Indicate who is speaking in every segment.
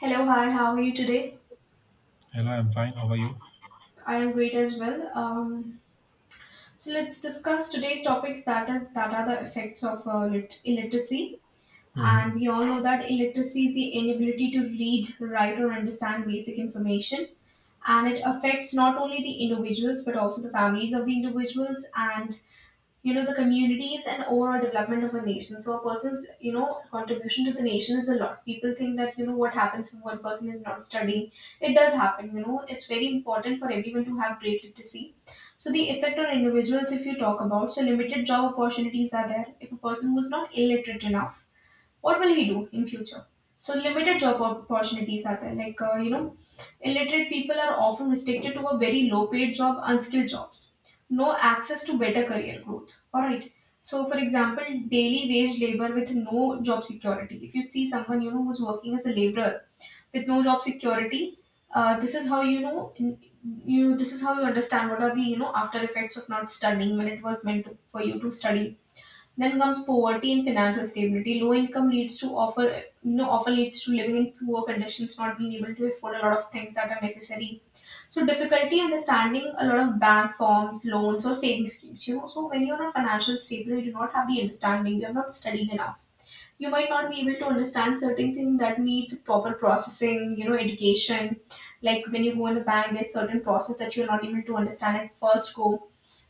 Speaker 1: Hello, hi, how are you today?
Speaker 2: Hello, I'm fine. How are you?
Speaker 1: I am great as well. So let's discuss today's topics that are the effects of illiteracy.
Speaker 2: Mm-hmm.
Speaker 1: And we all know that illiteracy is the inability to read, write, or understand basic information. And it affects not only the individuals but also the families of the individuals and the communities and overall development of a nation, so a person's contribution to the nation is a lot. People think that what happens when one person is not studying. It does happen, it's very important for everyone to have great literacy. So the effect on individuals, if you talk about, so limited job opportunities are there. If a person was not illiterate enough, what will he do in future? So limited job opportunities are there, like illiterate people are often restricted to a very low paid job, unskilled jobs, no access to better career growth, all right? So for example, daily wage labor with no job security, if you see someone who's working as a laborer with no job security. This is how you know you this is how you understand what are the after effects of not studying when it was meant to, for you to study. Then comes poverty and financial stability. Low income leads to offer often leads to living in poor conditions, not being able to afford a lot of things that are necessary. So difficulty understanding a lot of bank forms, loans or saving schemes. So when you are not financially stable, you do not have the understanding. You have not studied enough. You might not be able to understand certain things that needs proper processing. Education. Like when you go in a bank, there's certain process that you are not able to understand at first go,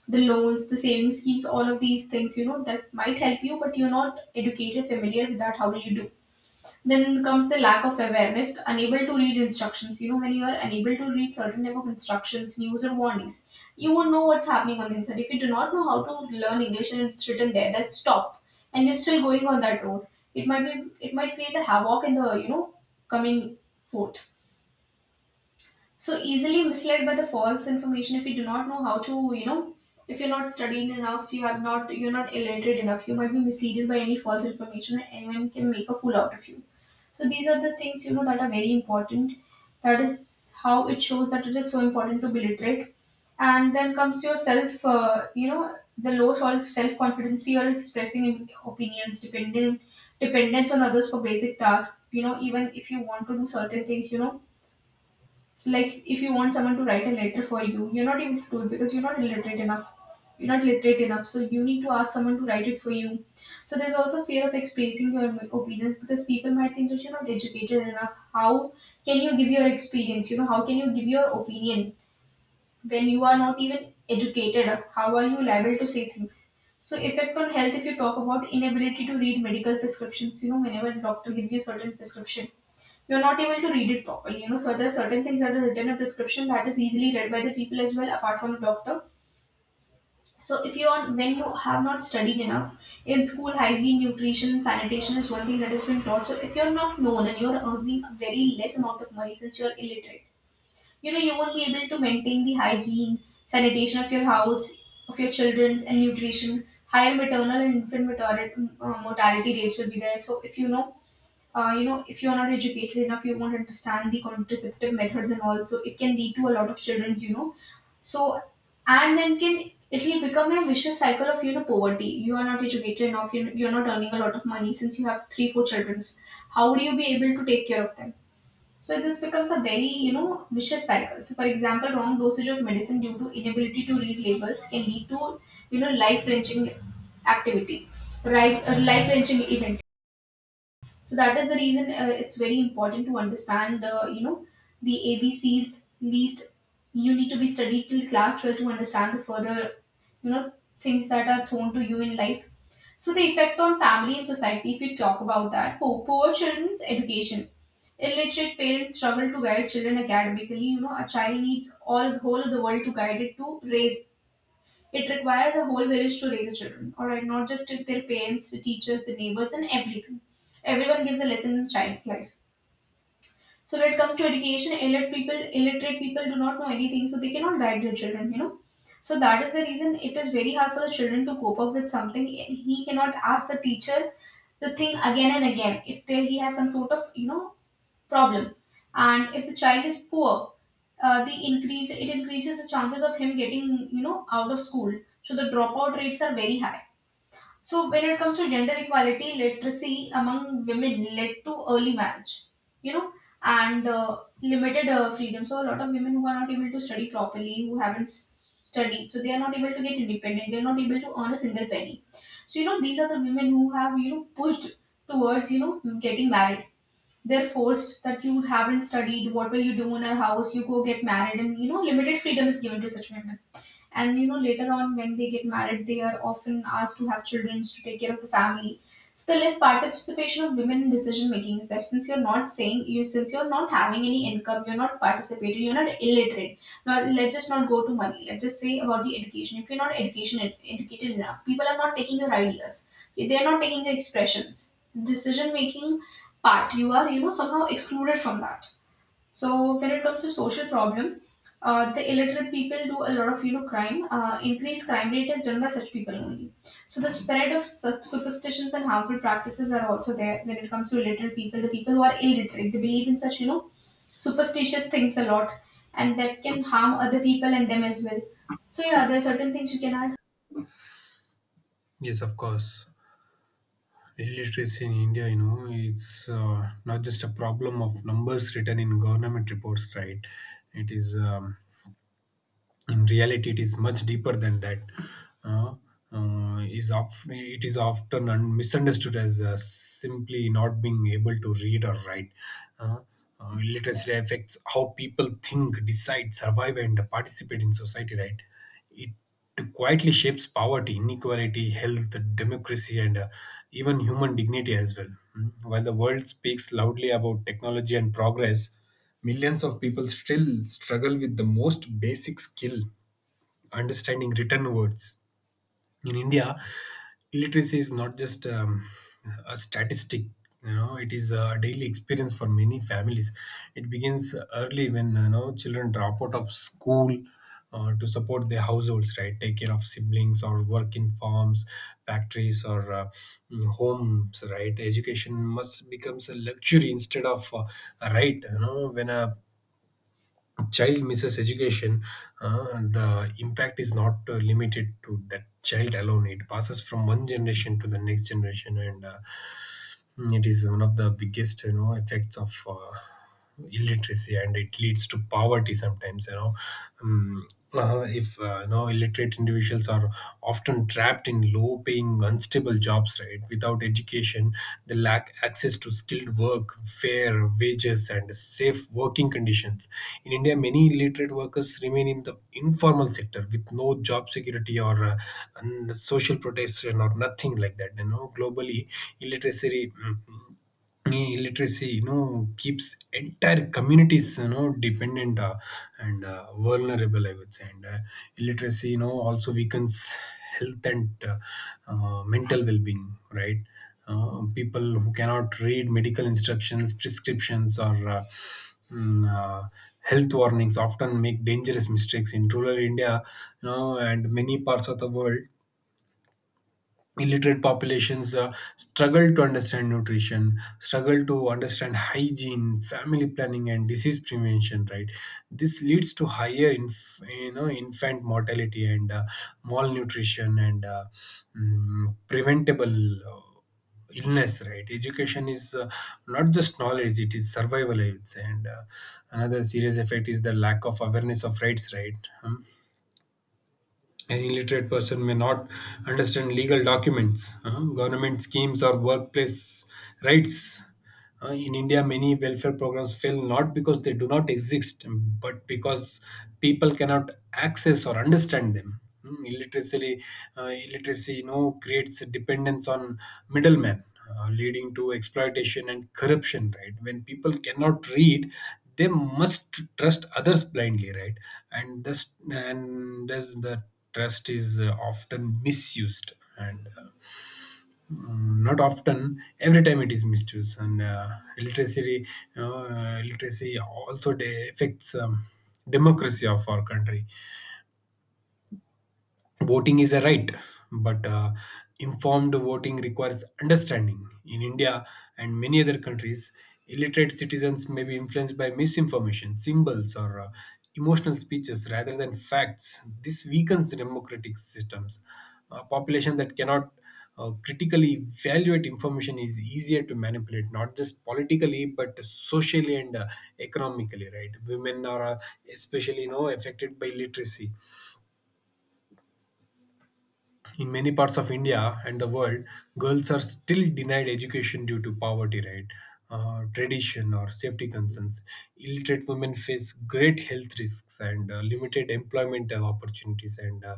Speaker 1: the loans, the savings schemes, all of these things, that might help you, but you're not educated, familiar with that. How will you do? Then comes the lack of awareness, unable to read instructions. When you are unable to read certain type of instructions, news or warnings, you won't know what's happening on the inside. If you do not know how to learn English and it's written there, that stop, and you're still going on that road. It might be, it might create a havoc in the, coming forth, so easily misled by the false information. If you do not know how to if you're not studying enough, you have not you're not illiterate enough, you might be misleaded by any false information, and anyone can make a fool out of you. So these are the things that are very important, that is how it shows that it is so important to be literate. And then comes your self, the low self confidence, fear expressing opinions, dependent dependence on others for basic tasks. Even if you want to do certain things, like if you want someone to write a letter for you, you're not able to do it because you're not illiterate enough, you're not literate enough, so you need to ask someone to write it for you. So there's also fear of expressing your opinions, because people might think that you're not educated enough. How can you give your experience? How can you give your opinion when you are not even educated? How are you liable to say things? So effect on health, if you talk about inability to read medical prescriptions. Whenever doctor gives you certain prescription, you're not able to read it properly. So there are certain things that are written in a prescription that is easily read by the people as well, apart from the doctor. So if you are when you have not studied enough in school, hygiene, nutrition, sanitation is one thing that has been taught. So if you're not known and you're earning a very less amount of money since you're illiterate, you won't be able to maintain the hygiene, sanitation of your house, of your children's and nutrition. Higher maternal and infant mortality, mortality rates will be there. So if you know you know, if you're not educated enough, you won't understand the contraceptive methods and all. So it can lead to a lot of children's. So, and then can it will become a vicious cycle of, poverty. You are not educated enough, you're not earning a lot of money since you have three, four children. How would you be able to take care of them? So this becomes a very, vicious cycle. So for example, wrong dosage of medicine due to inability to read labels can lead to, life-wrenching activity, right? Life-wrenching event, so that is the reason, it's very important to understand the the ABCs least. You need to be studied till class 12 to understand the further you know things that are thrown to you in life. So the effect on family and society, if you talk about that, poor children's education. Illiterate parents struggle to guide children academically. A child needs all the whole of the world to guide it to raise, it requires a whole village to raise the children, all right, not just to their parents, to teachers, the neighbors, and everything. Everyone gives a lesson in a child's life. So when it comes to education, illiterate people do not know anything, so they cannot guide their children. So that is the reason it is very hard for the children to cope up with something. He cannot ask the teacher the thing again and again, if there he has some sort of problem. And if the child is poor, the increase it increases the chances of him getting out of school. So the dropout rates are very high. So when it comes to gender equality, literacy among women led to early marriage. You know, and limited freedom. So a lot of women who are not able to study properly, who haven't s- studied, so they are not able to get independent. They are not able to earn a single penny. So, these are the women who have pushed towards getting married, they're forced that you haven't studied, what will you do in a house? You go get married, and limited freedom is given to such women, and later on when they get married, they are often asked to have children to take care of the family. So the less participation of women in decision making is that since you're not saying you since you're not having any income, you're not participating, you're not illiterate. Now let's just not go to money, let's just say about the education. If you're not education educated enough, people are not taking your ideas. Okay, they're not taking your expressions, decision making part, you are somehow excluded from that. So when it comes to social problem, the illiterate people do a lot of crime. Increased crime rate is done by such people only. So the spread of superstitions and harmful practices are also there when it comes to illiterate people. The people who are illiterate, they believe in such superstitious things a lot, and that can harm other people and them as well. So yeah, there are certain things you can add.
Speaker 2: Yes, of course. Illiteracy in India, you know, it's not just a problem of numbers written in government reports, right? It is in reality it is much deeper than that uh, it is often misunderstood as simply not being able to read or write uh, Literacy affects how people think, decide, survive and participate in society, right? It quietly shapes poverty, inequality, health, democracy and even human dignity as well. Mm. While the world speaks loudly about technology and progress, millions of people still struggle with the most basic skill, understanding written words. In India, literacy is not just a statistic. You know, it is a daily experience for many families. It begins early when you know children drop out of school to support their households, right? Take care of siblings or work in farms, factories, or homes, right? Education must becomes a luxury instead of a right. You know, when a child misses education, the impact is not limited to that child alone. It passes from one generation to the next generation, and it is one of the biggest, you know, effects of illiteracy, and it leads to poverty sometimes. Um, if you know illiterate individuals are often trapped in low paying unstable jobs, right? Without education they lack access to skilled work, fair wages and safe working conditions. In India many illiterate workers remain in the informal sector with no job security or and social protection or nothing like that. You know, globally illiteracy mm, illiteracy you know keeps entire communities you know dependent and vulnerable, I would say. And Illiteracy, you know, also weakens health and mental well-being, right? People who cannot read medical instructions, prescriptions or mm, uh, health warnings often make dangerous mistakes. In rural India, you know, and many parts of the world, illiterate populations struggle to understand nutrition, struggle to understand hygiene, family planning and disease prevention, right? This leads to higher you know infant mortality and malnutrition and preventable illness, right? Education is not just knowledge, it is survival aids. And Another serious effect is the lack of awareness of rights, right? Um, an illiterate person may not understand legal documents, government schemes, or workplace rights. In India, many welfare programs fail not because they do not exist, but because people cannot access or understand them. Mm, Illiteracy, illiteracy, you know, creates a dependence on middlemen, leading to exploitation and corruption, right? When people cannot read they must trust others blindly, right? And thus the trust is often misused, and not often, every time it is misused. And uh, literacy you know, uh, literacy also affects democracy of our country. Voting is a right, but informed voting requires understanding. In India and many other countries, illiterate citizens may be influenced by misinformation, symbols, or emotional speeches rather than facts. This weakens democratic systems. A population that cannot critically evaluate information is easier to manipulate, not just politically but socially and economically. Right? Women are especially you know affected by literacy. In many parts of India and the world, girls are still denied education due to poverty, right? Tradition or safety concerns. Illiterate women face great health risks and limited employment opportunities and uh,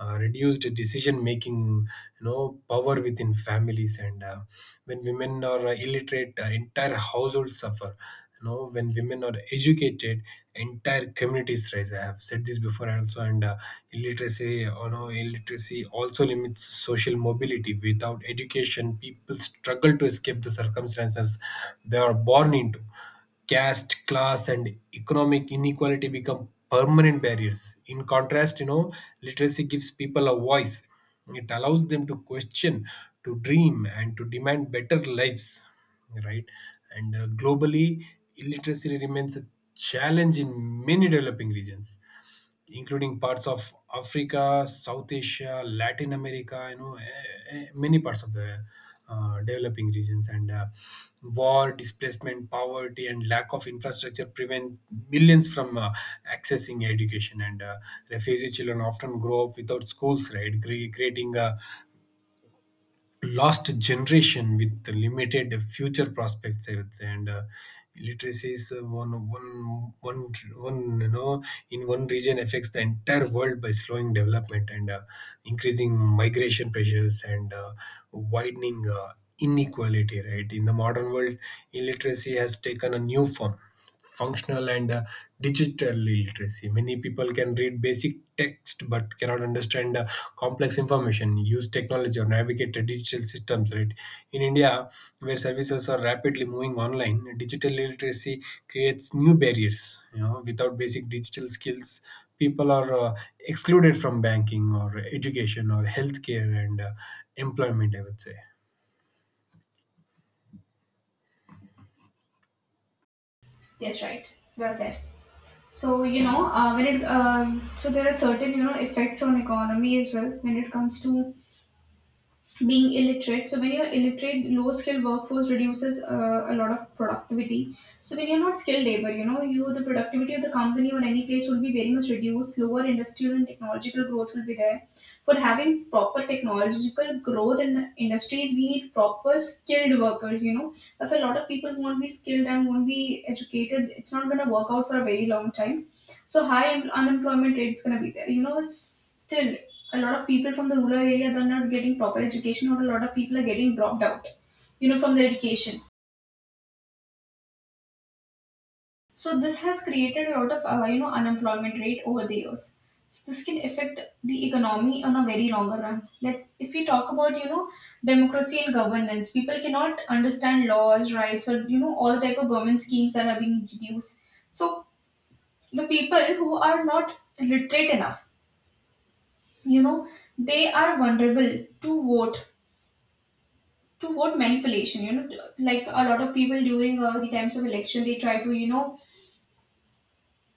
Speaker 2: uh, reduced decision making, you know, power within families. And When women are illiterate, entire households suffer. You know, when women are educated entire communities rise. I have said this before also. And uh, illiteracy you know illiteracy also limits social mobility. Without education people struggle to escape the circumstances they are born into. Caste, class, and economic inequality become permanent barriers. In contrast, you know, literacy gives people a voice. It allows them to question, to dream, and to demand better lives, right? And Globally, illiteracy remains a challenge in many developing regions, including parts of Africa, South Asia, Latin America, you know, many parts of the developing regions. And War, displacement, poverty, and lack of infrastructure prevent millions from accessing education. And Refugee children often grow up without schools, right? Creating a lost generation with limited future prospects, I would say. And literacy is one one one one you know in one region affects the entire world by slowing development and increasing migration pressures and widening inequality, right? In the modern world illiteracy has taken a new form: functional and digital literacy. Many people can read basic text but cannot understand complex information, use technology or navigate the digital systems, right? In India, where services are rapidly moving online, digital literacy creates new barriers. You know, without basic digital skills people are excluded from banking or education or healthcare and employment, I would say.
Speaker 1: Yes, right. Well said. So there are certain effects on economy as well when it comes to being illiterate. So when you're illiterate, low skilled workforce reduces a lot of productivity. So when you're not skilled labor, you know you the productivity of the company or any place will be very much reduced. Lower industrial and technological growth will be there. For having proper technological growth in industries, we need proper skilled workers, you know. If a lot of people won't be skilled and won't be educated, it's not going to work out for a very long time. So high unemployment rate's going to be there, you know. Still a lot of people from the rural area, they're not getting proper education, or a lot of people are getting dropped out, you know, from the education. So this has created a lot of you know, unemployment rate over the years. So this can affect the economy on a very longer run. Let if we talk about, you know, democracy and governance, people cannot understand laws, rights, or you know, all type of government schemes that are being introduced. So the people who are not literate enough, you know, they are vulnerable to vote manipulation, you know. Like a lot of people during the times of election, they try to, you know,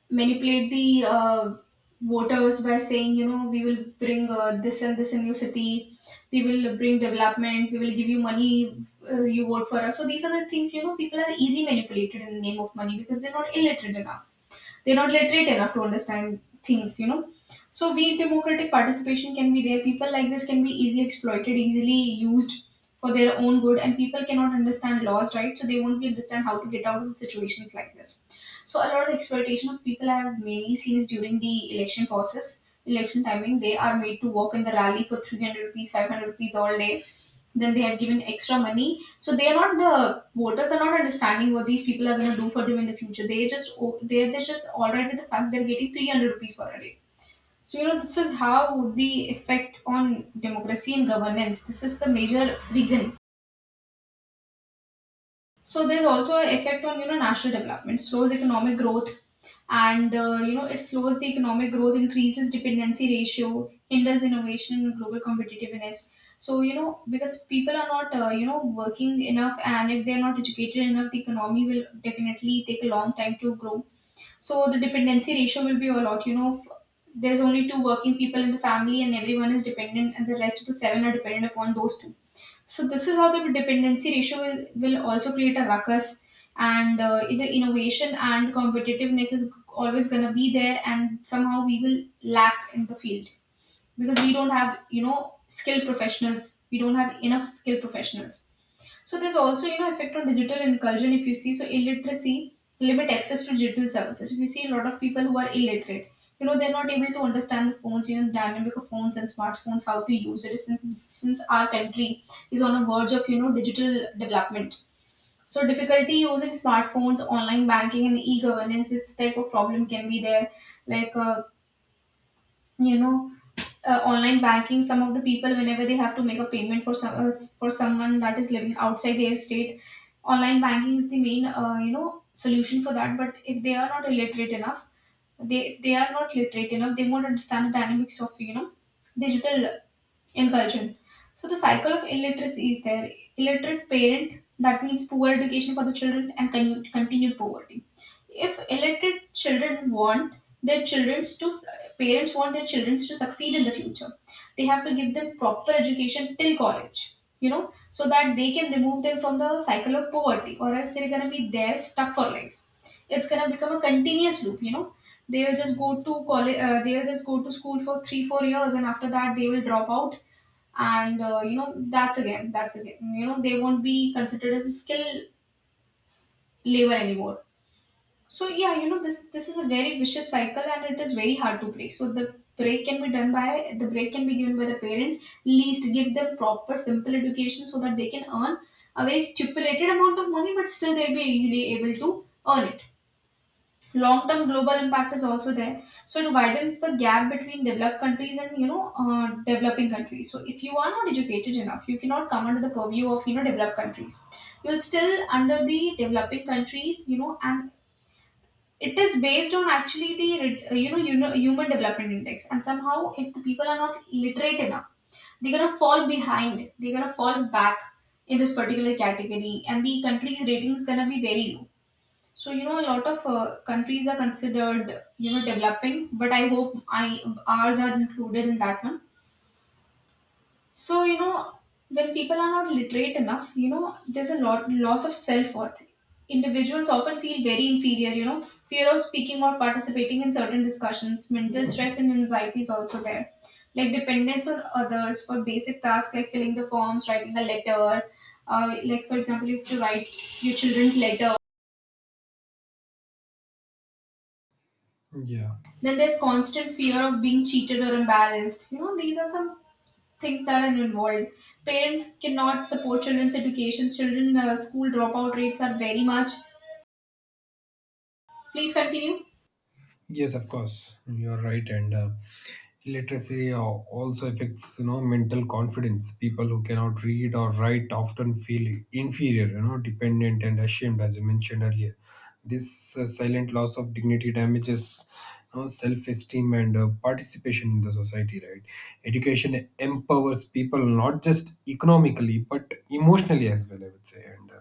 Speaker 1: manipulate the voters by saying, you know, we will bring this and this in your city, we will bring development, we will give you money, you vote for us. So these are the things, you know, people are easy manipulated in the name of money because they're not illiterate enough. They're not literate enough to understand things, you know. So weak democratic participation can be there. People like this can be easily exploited, easily used for their own good, and people cannot understand laws, right? So they won't be understand how to get out of situations like this. So a lot of exploitation of people I have mainly seen is during the election process, election timing. They are made to walk in the rally for 300 rupees, 500 rupees all day. Then they have given extra money, so they are not, the voters are not understanding what these people are going to do for them in the future. They're just all right with the fact they're getting 300 rupees for a day. So you know, this is how the effect on democracy and governance, this is the major reason. So there's also an effect on, you know, national development, slows economic growth, and you know, it slows the economic growth, increases dependency ratio, hinders innovation and global competitiveness. So you know, because people are not you know, working enough, and if they're not educated enough, the economy will definitely take a long time to grow. So the dependency ratio will be a lot. There's only two working people in the family, and everyone is dependent, and the rest of the seven are dependent upon those two. So this is how the dependency ratio will also create a ruckus, and the innovation and competitiveness is always going to be there, and somehow we will lack in the field because we don't have, you know, skilled professionals. We don't have enough skilled professionals. So there's also, you know, effect on digital inclusion, if you see. So illiteracy limit access to digital services. If you see a lot of people who are illiterate, you know, they're not able to understand the phones, you know, the dynamic of phones and smartphones, how to use it. Since our country is on a verge of, you know, digital development, so difficulty using smartphones, online banking, and e-governance, this type of problem can be there. Like you know, online banking, some of the people whenever they have to make a payment for some for someone that is living outside their state, online banking is the main you know, solution for that. But if they are not illiterate enough, they if they are not literate enough, they won't understand the dynamics of, you know, digital incursion. So the cycle of illiteracy is there. Illiterate parent, that means poor education for the children and continued poverty. If illiterate children want their childrens to parents want their childrens to succeed in the future, they have to give them proper education till college. You know, so that they can remove them from the cycle of poverty, or else they're gonna be there stuck for life. It's gonna become a continuous loop. You know, they'll just go to college, they'll just go to school for 3 or 4 years, and after that they will drop out. And you know, that's again, you know, they won't be considered as a skill labor anymore. So yeah, you know, this is a very vicious cycle and it is very hard to break. So the break can be given by the parent, least give them proper simple education so that they can earn a very stipulated amount of money, but still they'll be easily able to earn. Long term global impact is also there, so it widens the gap between developed countries and, you know, developing countries. So if you are not educated enough, you cannot come under the purview of, you know, developed countries. You'll still under the developing countries, you know. And it is based on actually the you know, you know, human development index, and somehow if the people are not literate enough, they're going to fall behind, they're going to fall back in this particular category, and the country's rating is going to be very low. So you know, a lot of countries are considered, you know, developing, but I hope I ours are included in that one. So you know, when people are not literate enough, you know, there's a lot loss of self worth. Individuals often feel very inferior. You know, fear of speaking or participating in certain discussions, mental stress and anxiety is also there. Like dependence on others for basic tasks like filling the forms, writing a letter. Like for example, you have to write your children's letter.
Speaker 2: Yeah.
Speaker 1: Then there's constant fear of being cheated or embarrassed. You know, these are some things that are involved. Parents cannot support children's education. Children school dropout rates are very much. Please continue.
Speaker 2: Yes, of course, you're right. and Literacy also affects, you know, mental confidence. People who cannot read or write often feel inferior, you know, dependent and ashamed, as you mentioned earlier. This silent loss of dignity damages, you know, self-esteem and participation in the society. Right? Education empowers people not just economically but emotionally as well, I would say. And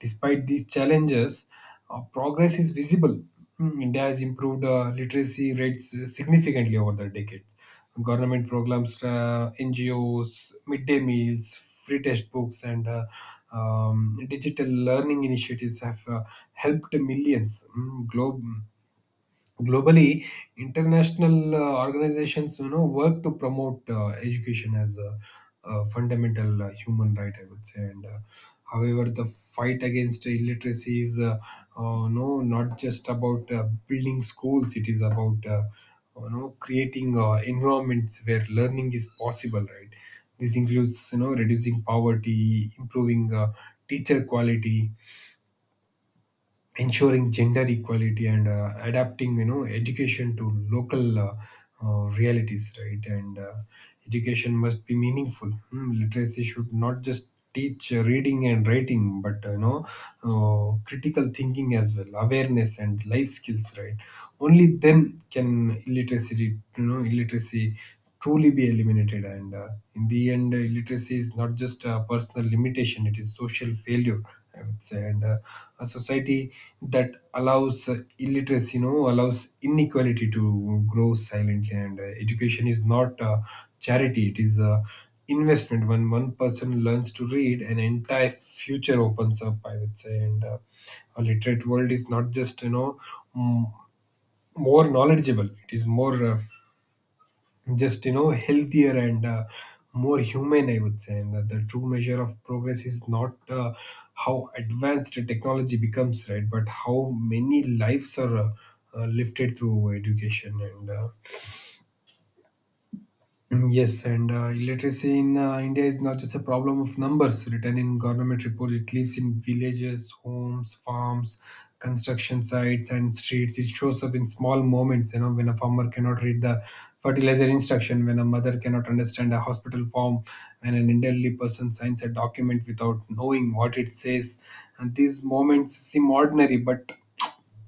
Speaker 2: Despite these challenges, progress is visible. India has improved literacy rates significantly over the decades. Government programs, NGOs, midday meals, free textbooks, and digital learning initiatives have helped millions. Globally, international organizations you know work to promote education as a fundamental human right, I would say. And However, the fight against illiteracy is no not just about building schools, it is about you know creating environments where learning is possible, right? This includes you know reducing poverty, improving teacher quality, ensuring gender equality and adapting you know education to local realities, right? and Education must be meaningful. Literacy should not just teach reading and writing but you know critical thinking as well, awareness and life skills, right? Only then can illiteracy you know illiteracy truly be eliminated. And In the end, illiteracy is not just a personal limitation, it is social failure, I would say. And A society that allows illiteracy, you know, allows inequality to grow silently. And education is not charity; it is a investment. When one person learns to read, an entire future opens up, I would say. And A literate world is not just you know m- more knowledgeable; it is more just you know healthier and more human, I would say. And that the true measure of progress is not how advanced technology becomes, right, but how many lives are lifted through education. Yes, and illiteracy in India is not just a problem of numbers written in government reports. It lives in villages, homes, farms, construction sites, and streets. It shows up in small moments. You know, when a farmer cannot read the fertilizer instruction, when a mother cannot understand a hospital form, when an elderly person signs a document without knowing what it says, and these moments seem ordinary, but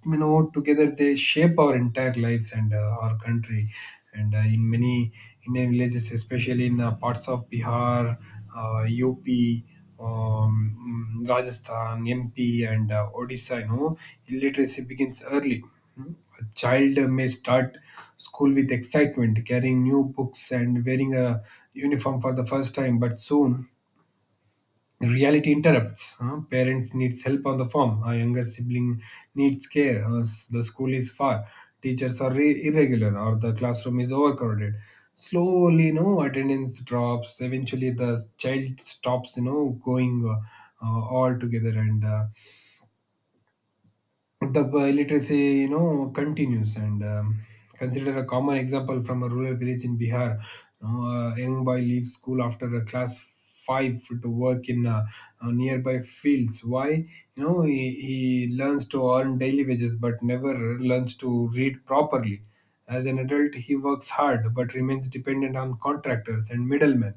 Speaker 2: you know together they shape our entire lives and our country. And In many Indian villages, especially in parts of Bihar, UP, um, Rajasthan, MP and Odisha, you know, illiteracy begins early. Hmm. A child may start school with excitement, carrying new books and wearing a uniform for the first time, but soon reality interrupts. Huh? Parents needs help on the farm. A younger sibling needs care. The school is far. Teachers are irregular, or the classroom is overcrowded. Slowly, you know, attendance drops. Eventually, the child stops, you know, going all together, and literacy, you know, continues. And consider a common example from a rural village in Bihar. You know, a young boy leaves school after a class five to work in nearby fields. Why? You know, he learns to earn daily wages, but never learns to read properly. As an adult, he works hard but remains dependent on contractors and middlemen.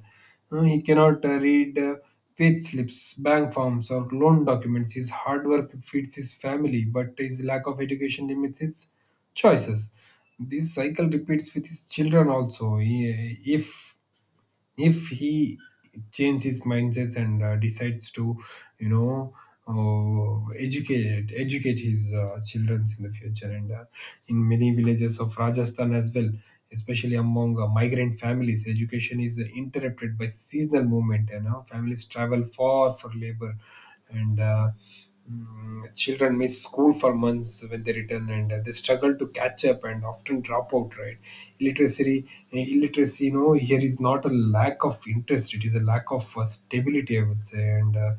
Speaker 2: He cannot read wage slips, bank forms, or loan documents. His hard work feeds his family, but his lack of education limits its choices. This cycle repeats with his children also. If he changes his mindsets and decides to you know educate his children in the future. And In many villages of Rajasthan as well, especially among migrant families, education is interrupted by seasonal movement. You know, families travel far for labor, and children miss school for months. When they return, and they struggle to catch up and often drop out, right? Illiteracy illiteracy here is not a lack of interest, it is a lack of stability, I would say. And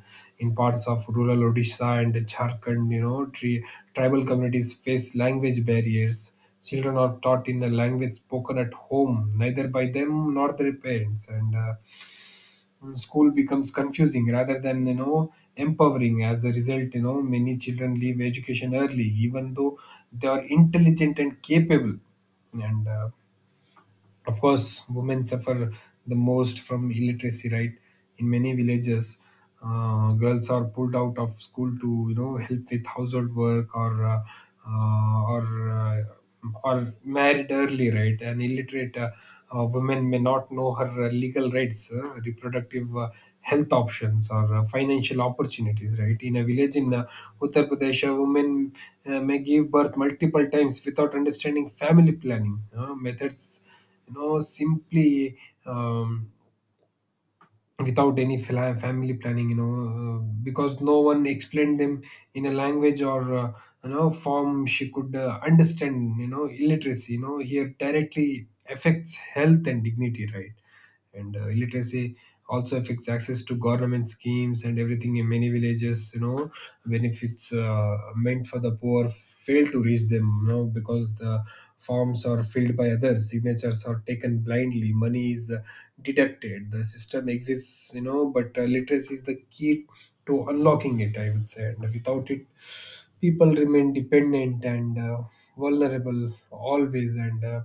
Speaker 2: In parts of rural Odisha and Jharkhand, tribal communities face language barriers. Children are taught in a language spoken at home, neither by them nor their parents. School becomes confusing rather than, empowering. As a result, you know, many children leave education early, even though they are intelligent and capable. And Of course, women suffer the most from illiteracy, right? In many villages, girls are pulled out of school to, you know, help with household work, uh, or uh, or married early, right? An illiterate woman may not know her legal rights, reproductive health options, or financial opportunities, right? In a village in Uttar Pradesh, a woman may give birth multiple times without understanding family planning methods, you know, simply um, without any family planning, because no one explained them in a language or, form she could understand. You know, illiteracy, you know, here directly affects health and dignity, right? and Illiteracy also affects access to government schemes and everything. In many villages, you know, benefits meant for the poor fail to reach them, you know, because the forms are filled by others, signatures are taken blindly, money is deducted. The system exists, you know, but literacy is the key to unlocking it, I would say. And without it, people remain dependent and vulnerable always. And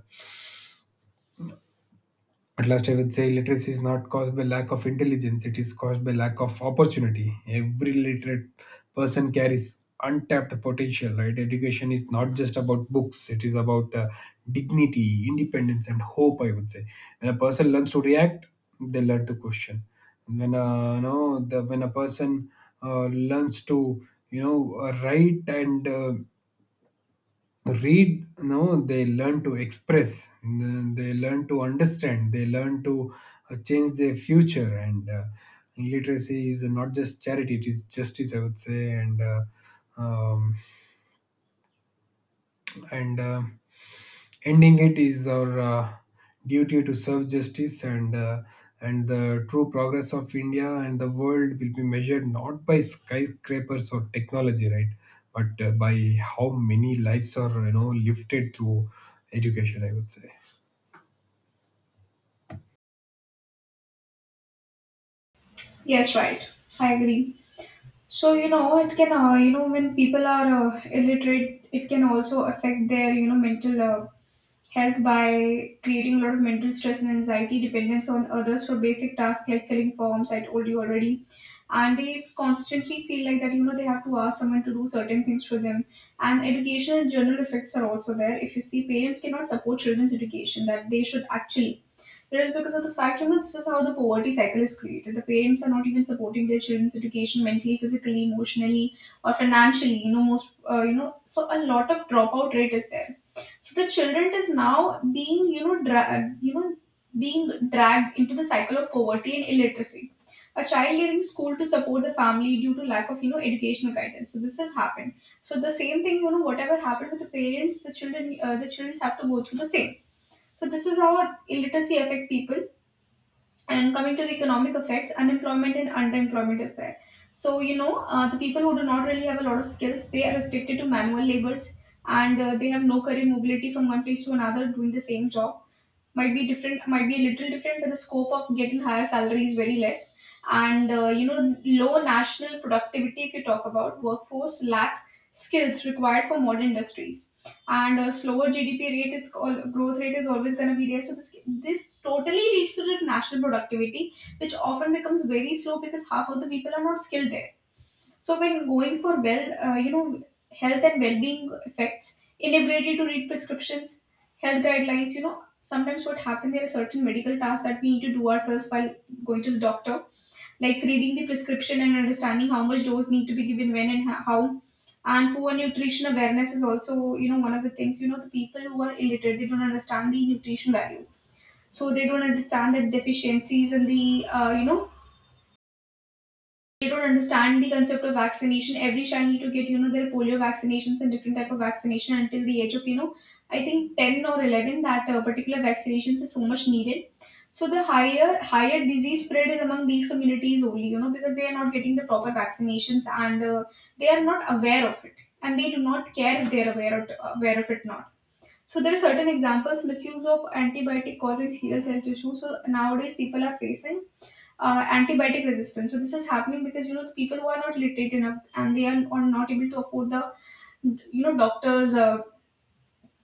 Speaker 2: At last, I would say literacy is not caused by lack of intelligence, it is caused by lack of opportunity. Every literate person carries untapped potential, right? Education is not just about books, it is about dignity, independence, and hope, I would say. When a person learns to react, they learn to question. When a no, the, when a person learns to, write and read, no, they learn to express, they learn to understand, they learn to change their future. And Literacy is not just charity, it is justice, I would say. Um, and Ending it is our duty to serve justice. And the true progress of India and the world will be measured not by skyscrapers or technology, right, but by how many lives are, you know, lifted through education, I would say.
Speaker 1: Yes, right. I agree. So you know, it can you know, when people are illiterate, it can also affect their, you know, mental health by creating a lot of mental stress and anxiety, dependence on others for basic tasks like filling forms, I told you already. And they constantly feel like that, you know, they have to ask someone to do certain things for them. And educational general effects are also there. If you see, parents cannot support children's education, that they should actually. It is because of the fact, you know, this is how the poverty cycle is created. The parents are not even supporting their children's education mentally, physically, emotionally, or financially. You know, most, you know, so a lot of dropout rate is there. So the children is now being, you know, you know, being dragged into the cycle of poverty and illiteracy. A child leaving school to support the family due to lack of, you know, educational guidance. So this has happened. So the same thing, you know, whatever happened with the parents, the children have to go through the same. So this is how illiteracy affect people. And coming to the economic effects, unemployment and underemployment is there. So you know, the people who do not really have a lot of skills, they are restricted to manual labors, and they have no career mobility. From one place to another doing the same job, might be a little different, but the scope of getting higher salary is very less. And you know, low national productivity, if you talk about workforce lack skills required for modern industries, and a slower GDP rate, it's called growth rate, is always going to be there. So this totally leads to the national productivity, which often becomes very slow because half of the people are not skilled there. So when going for, well, you know, health and well-being effects, inability to read prescriptions, health guidelines, you know, sometimes what happen, there are certain medical tasks that we need to do ourselves while going to the doctor, like reading the prescription and understanding how much dose need to be given when and how. And poor nutrition awareness is also, you know, one of the things. You know, the people who are illiterate, they don't understand the nutrition value. So they don't understand the deficiencies and the, you know, they don't understand the concept of vaccination. Every child need to get, you know, their polio vaccinations and different type of vaccination until the age of, you know, I think 10 or 11, that particular vaccinations is so much needed. So the higher disease spread is among these communities only, you know, because they are not getting the proper vaccinations, and they are not aware of it, and they do not care if they are aware of it not. So there are certain examples, misuse of antibiotic causing serious health issues. So nowadays people are facing antibiotic resistance. So this is happening because you know, the people who are not literate enough, and are not able to afford the, you know, doctors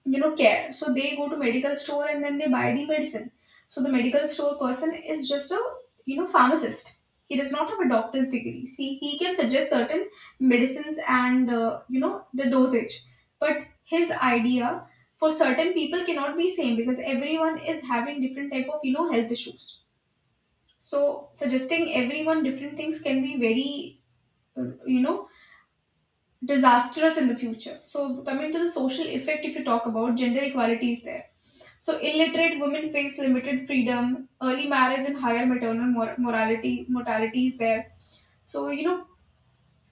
Speaker 1: you know, care. So they go to medical store and then they buy the medicine. So the medical store person is just a, you know, pharmacist. He does not have a doctor's degree. See, he can suggest certain medicines and, you know, the dosage, but his idea for certain people cannot be same because everyone is having different type of, you know, health issues. So suggesting everyone different things can be very, you know, disastrous in the future. So coming to the social effect, if you talk about gender equality is there. So illiterate women face limited freedom, early marriage, and higher maternal mor- morality mortality is there. So you know,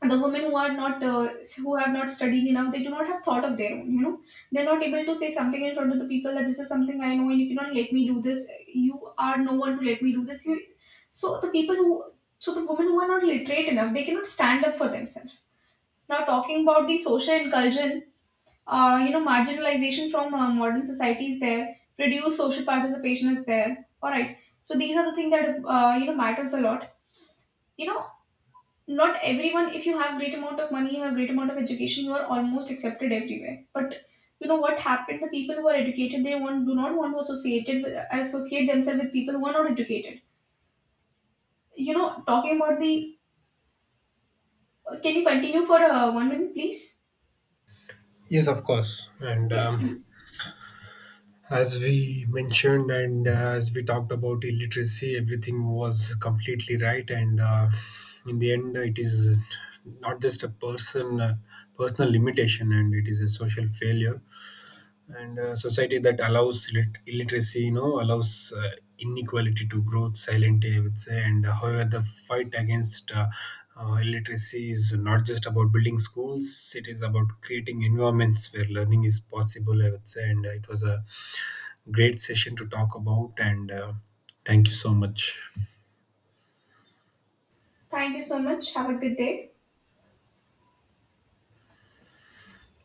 Speaker 1: the women who are not who have not studied enough, they do not have thought of their own, you know. They're not able to say something in front of the people that this is something I know, and you cannot let me do this, you are no one to let me do this, you. so the people who so the women who are not literate enough, they cannot stand up for themselves. Now talking about the social inclusion, you know, marginalization from modern society is there, reduced social participation is there. All right, so these are the things that, you know, matters a lot, you know. Not everyone, if you have great amount of money, you have great amount of education, you are almost accepted everywhere. But you know what happened, the people who are educated, they want do not want to associated with, associate themselves with people who are not educated, you know. Talking about the, can you continue for 1 minute please?
Speaker 2: Yes, of course. And
Speaker 1: Yes please.
Speaker 2: as we mentioned and as we talked about illiteracy, everything was completely right. And in the end, it is not just a person personal limitation, and it is a social failure and a society that allows illiteracy, you know, allows inequality to grow silently, I would say. And However, the fight against illiteracy is not just about building schools, it is about creating environments where learning is possible, I would say. And It was a great session to talk about, and thank you so much.
Speaker 1: Thank you so much, have a good day.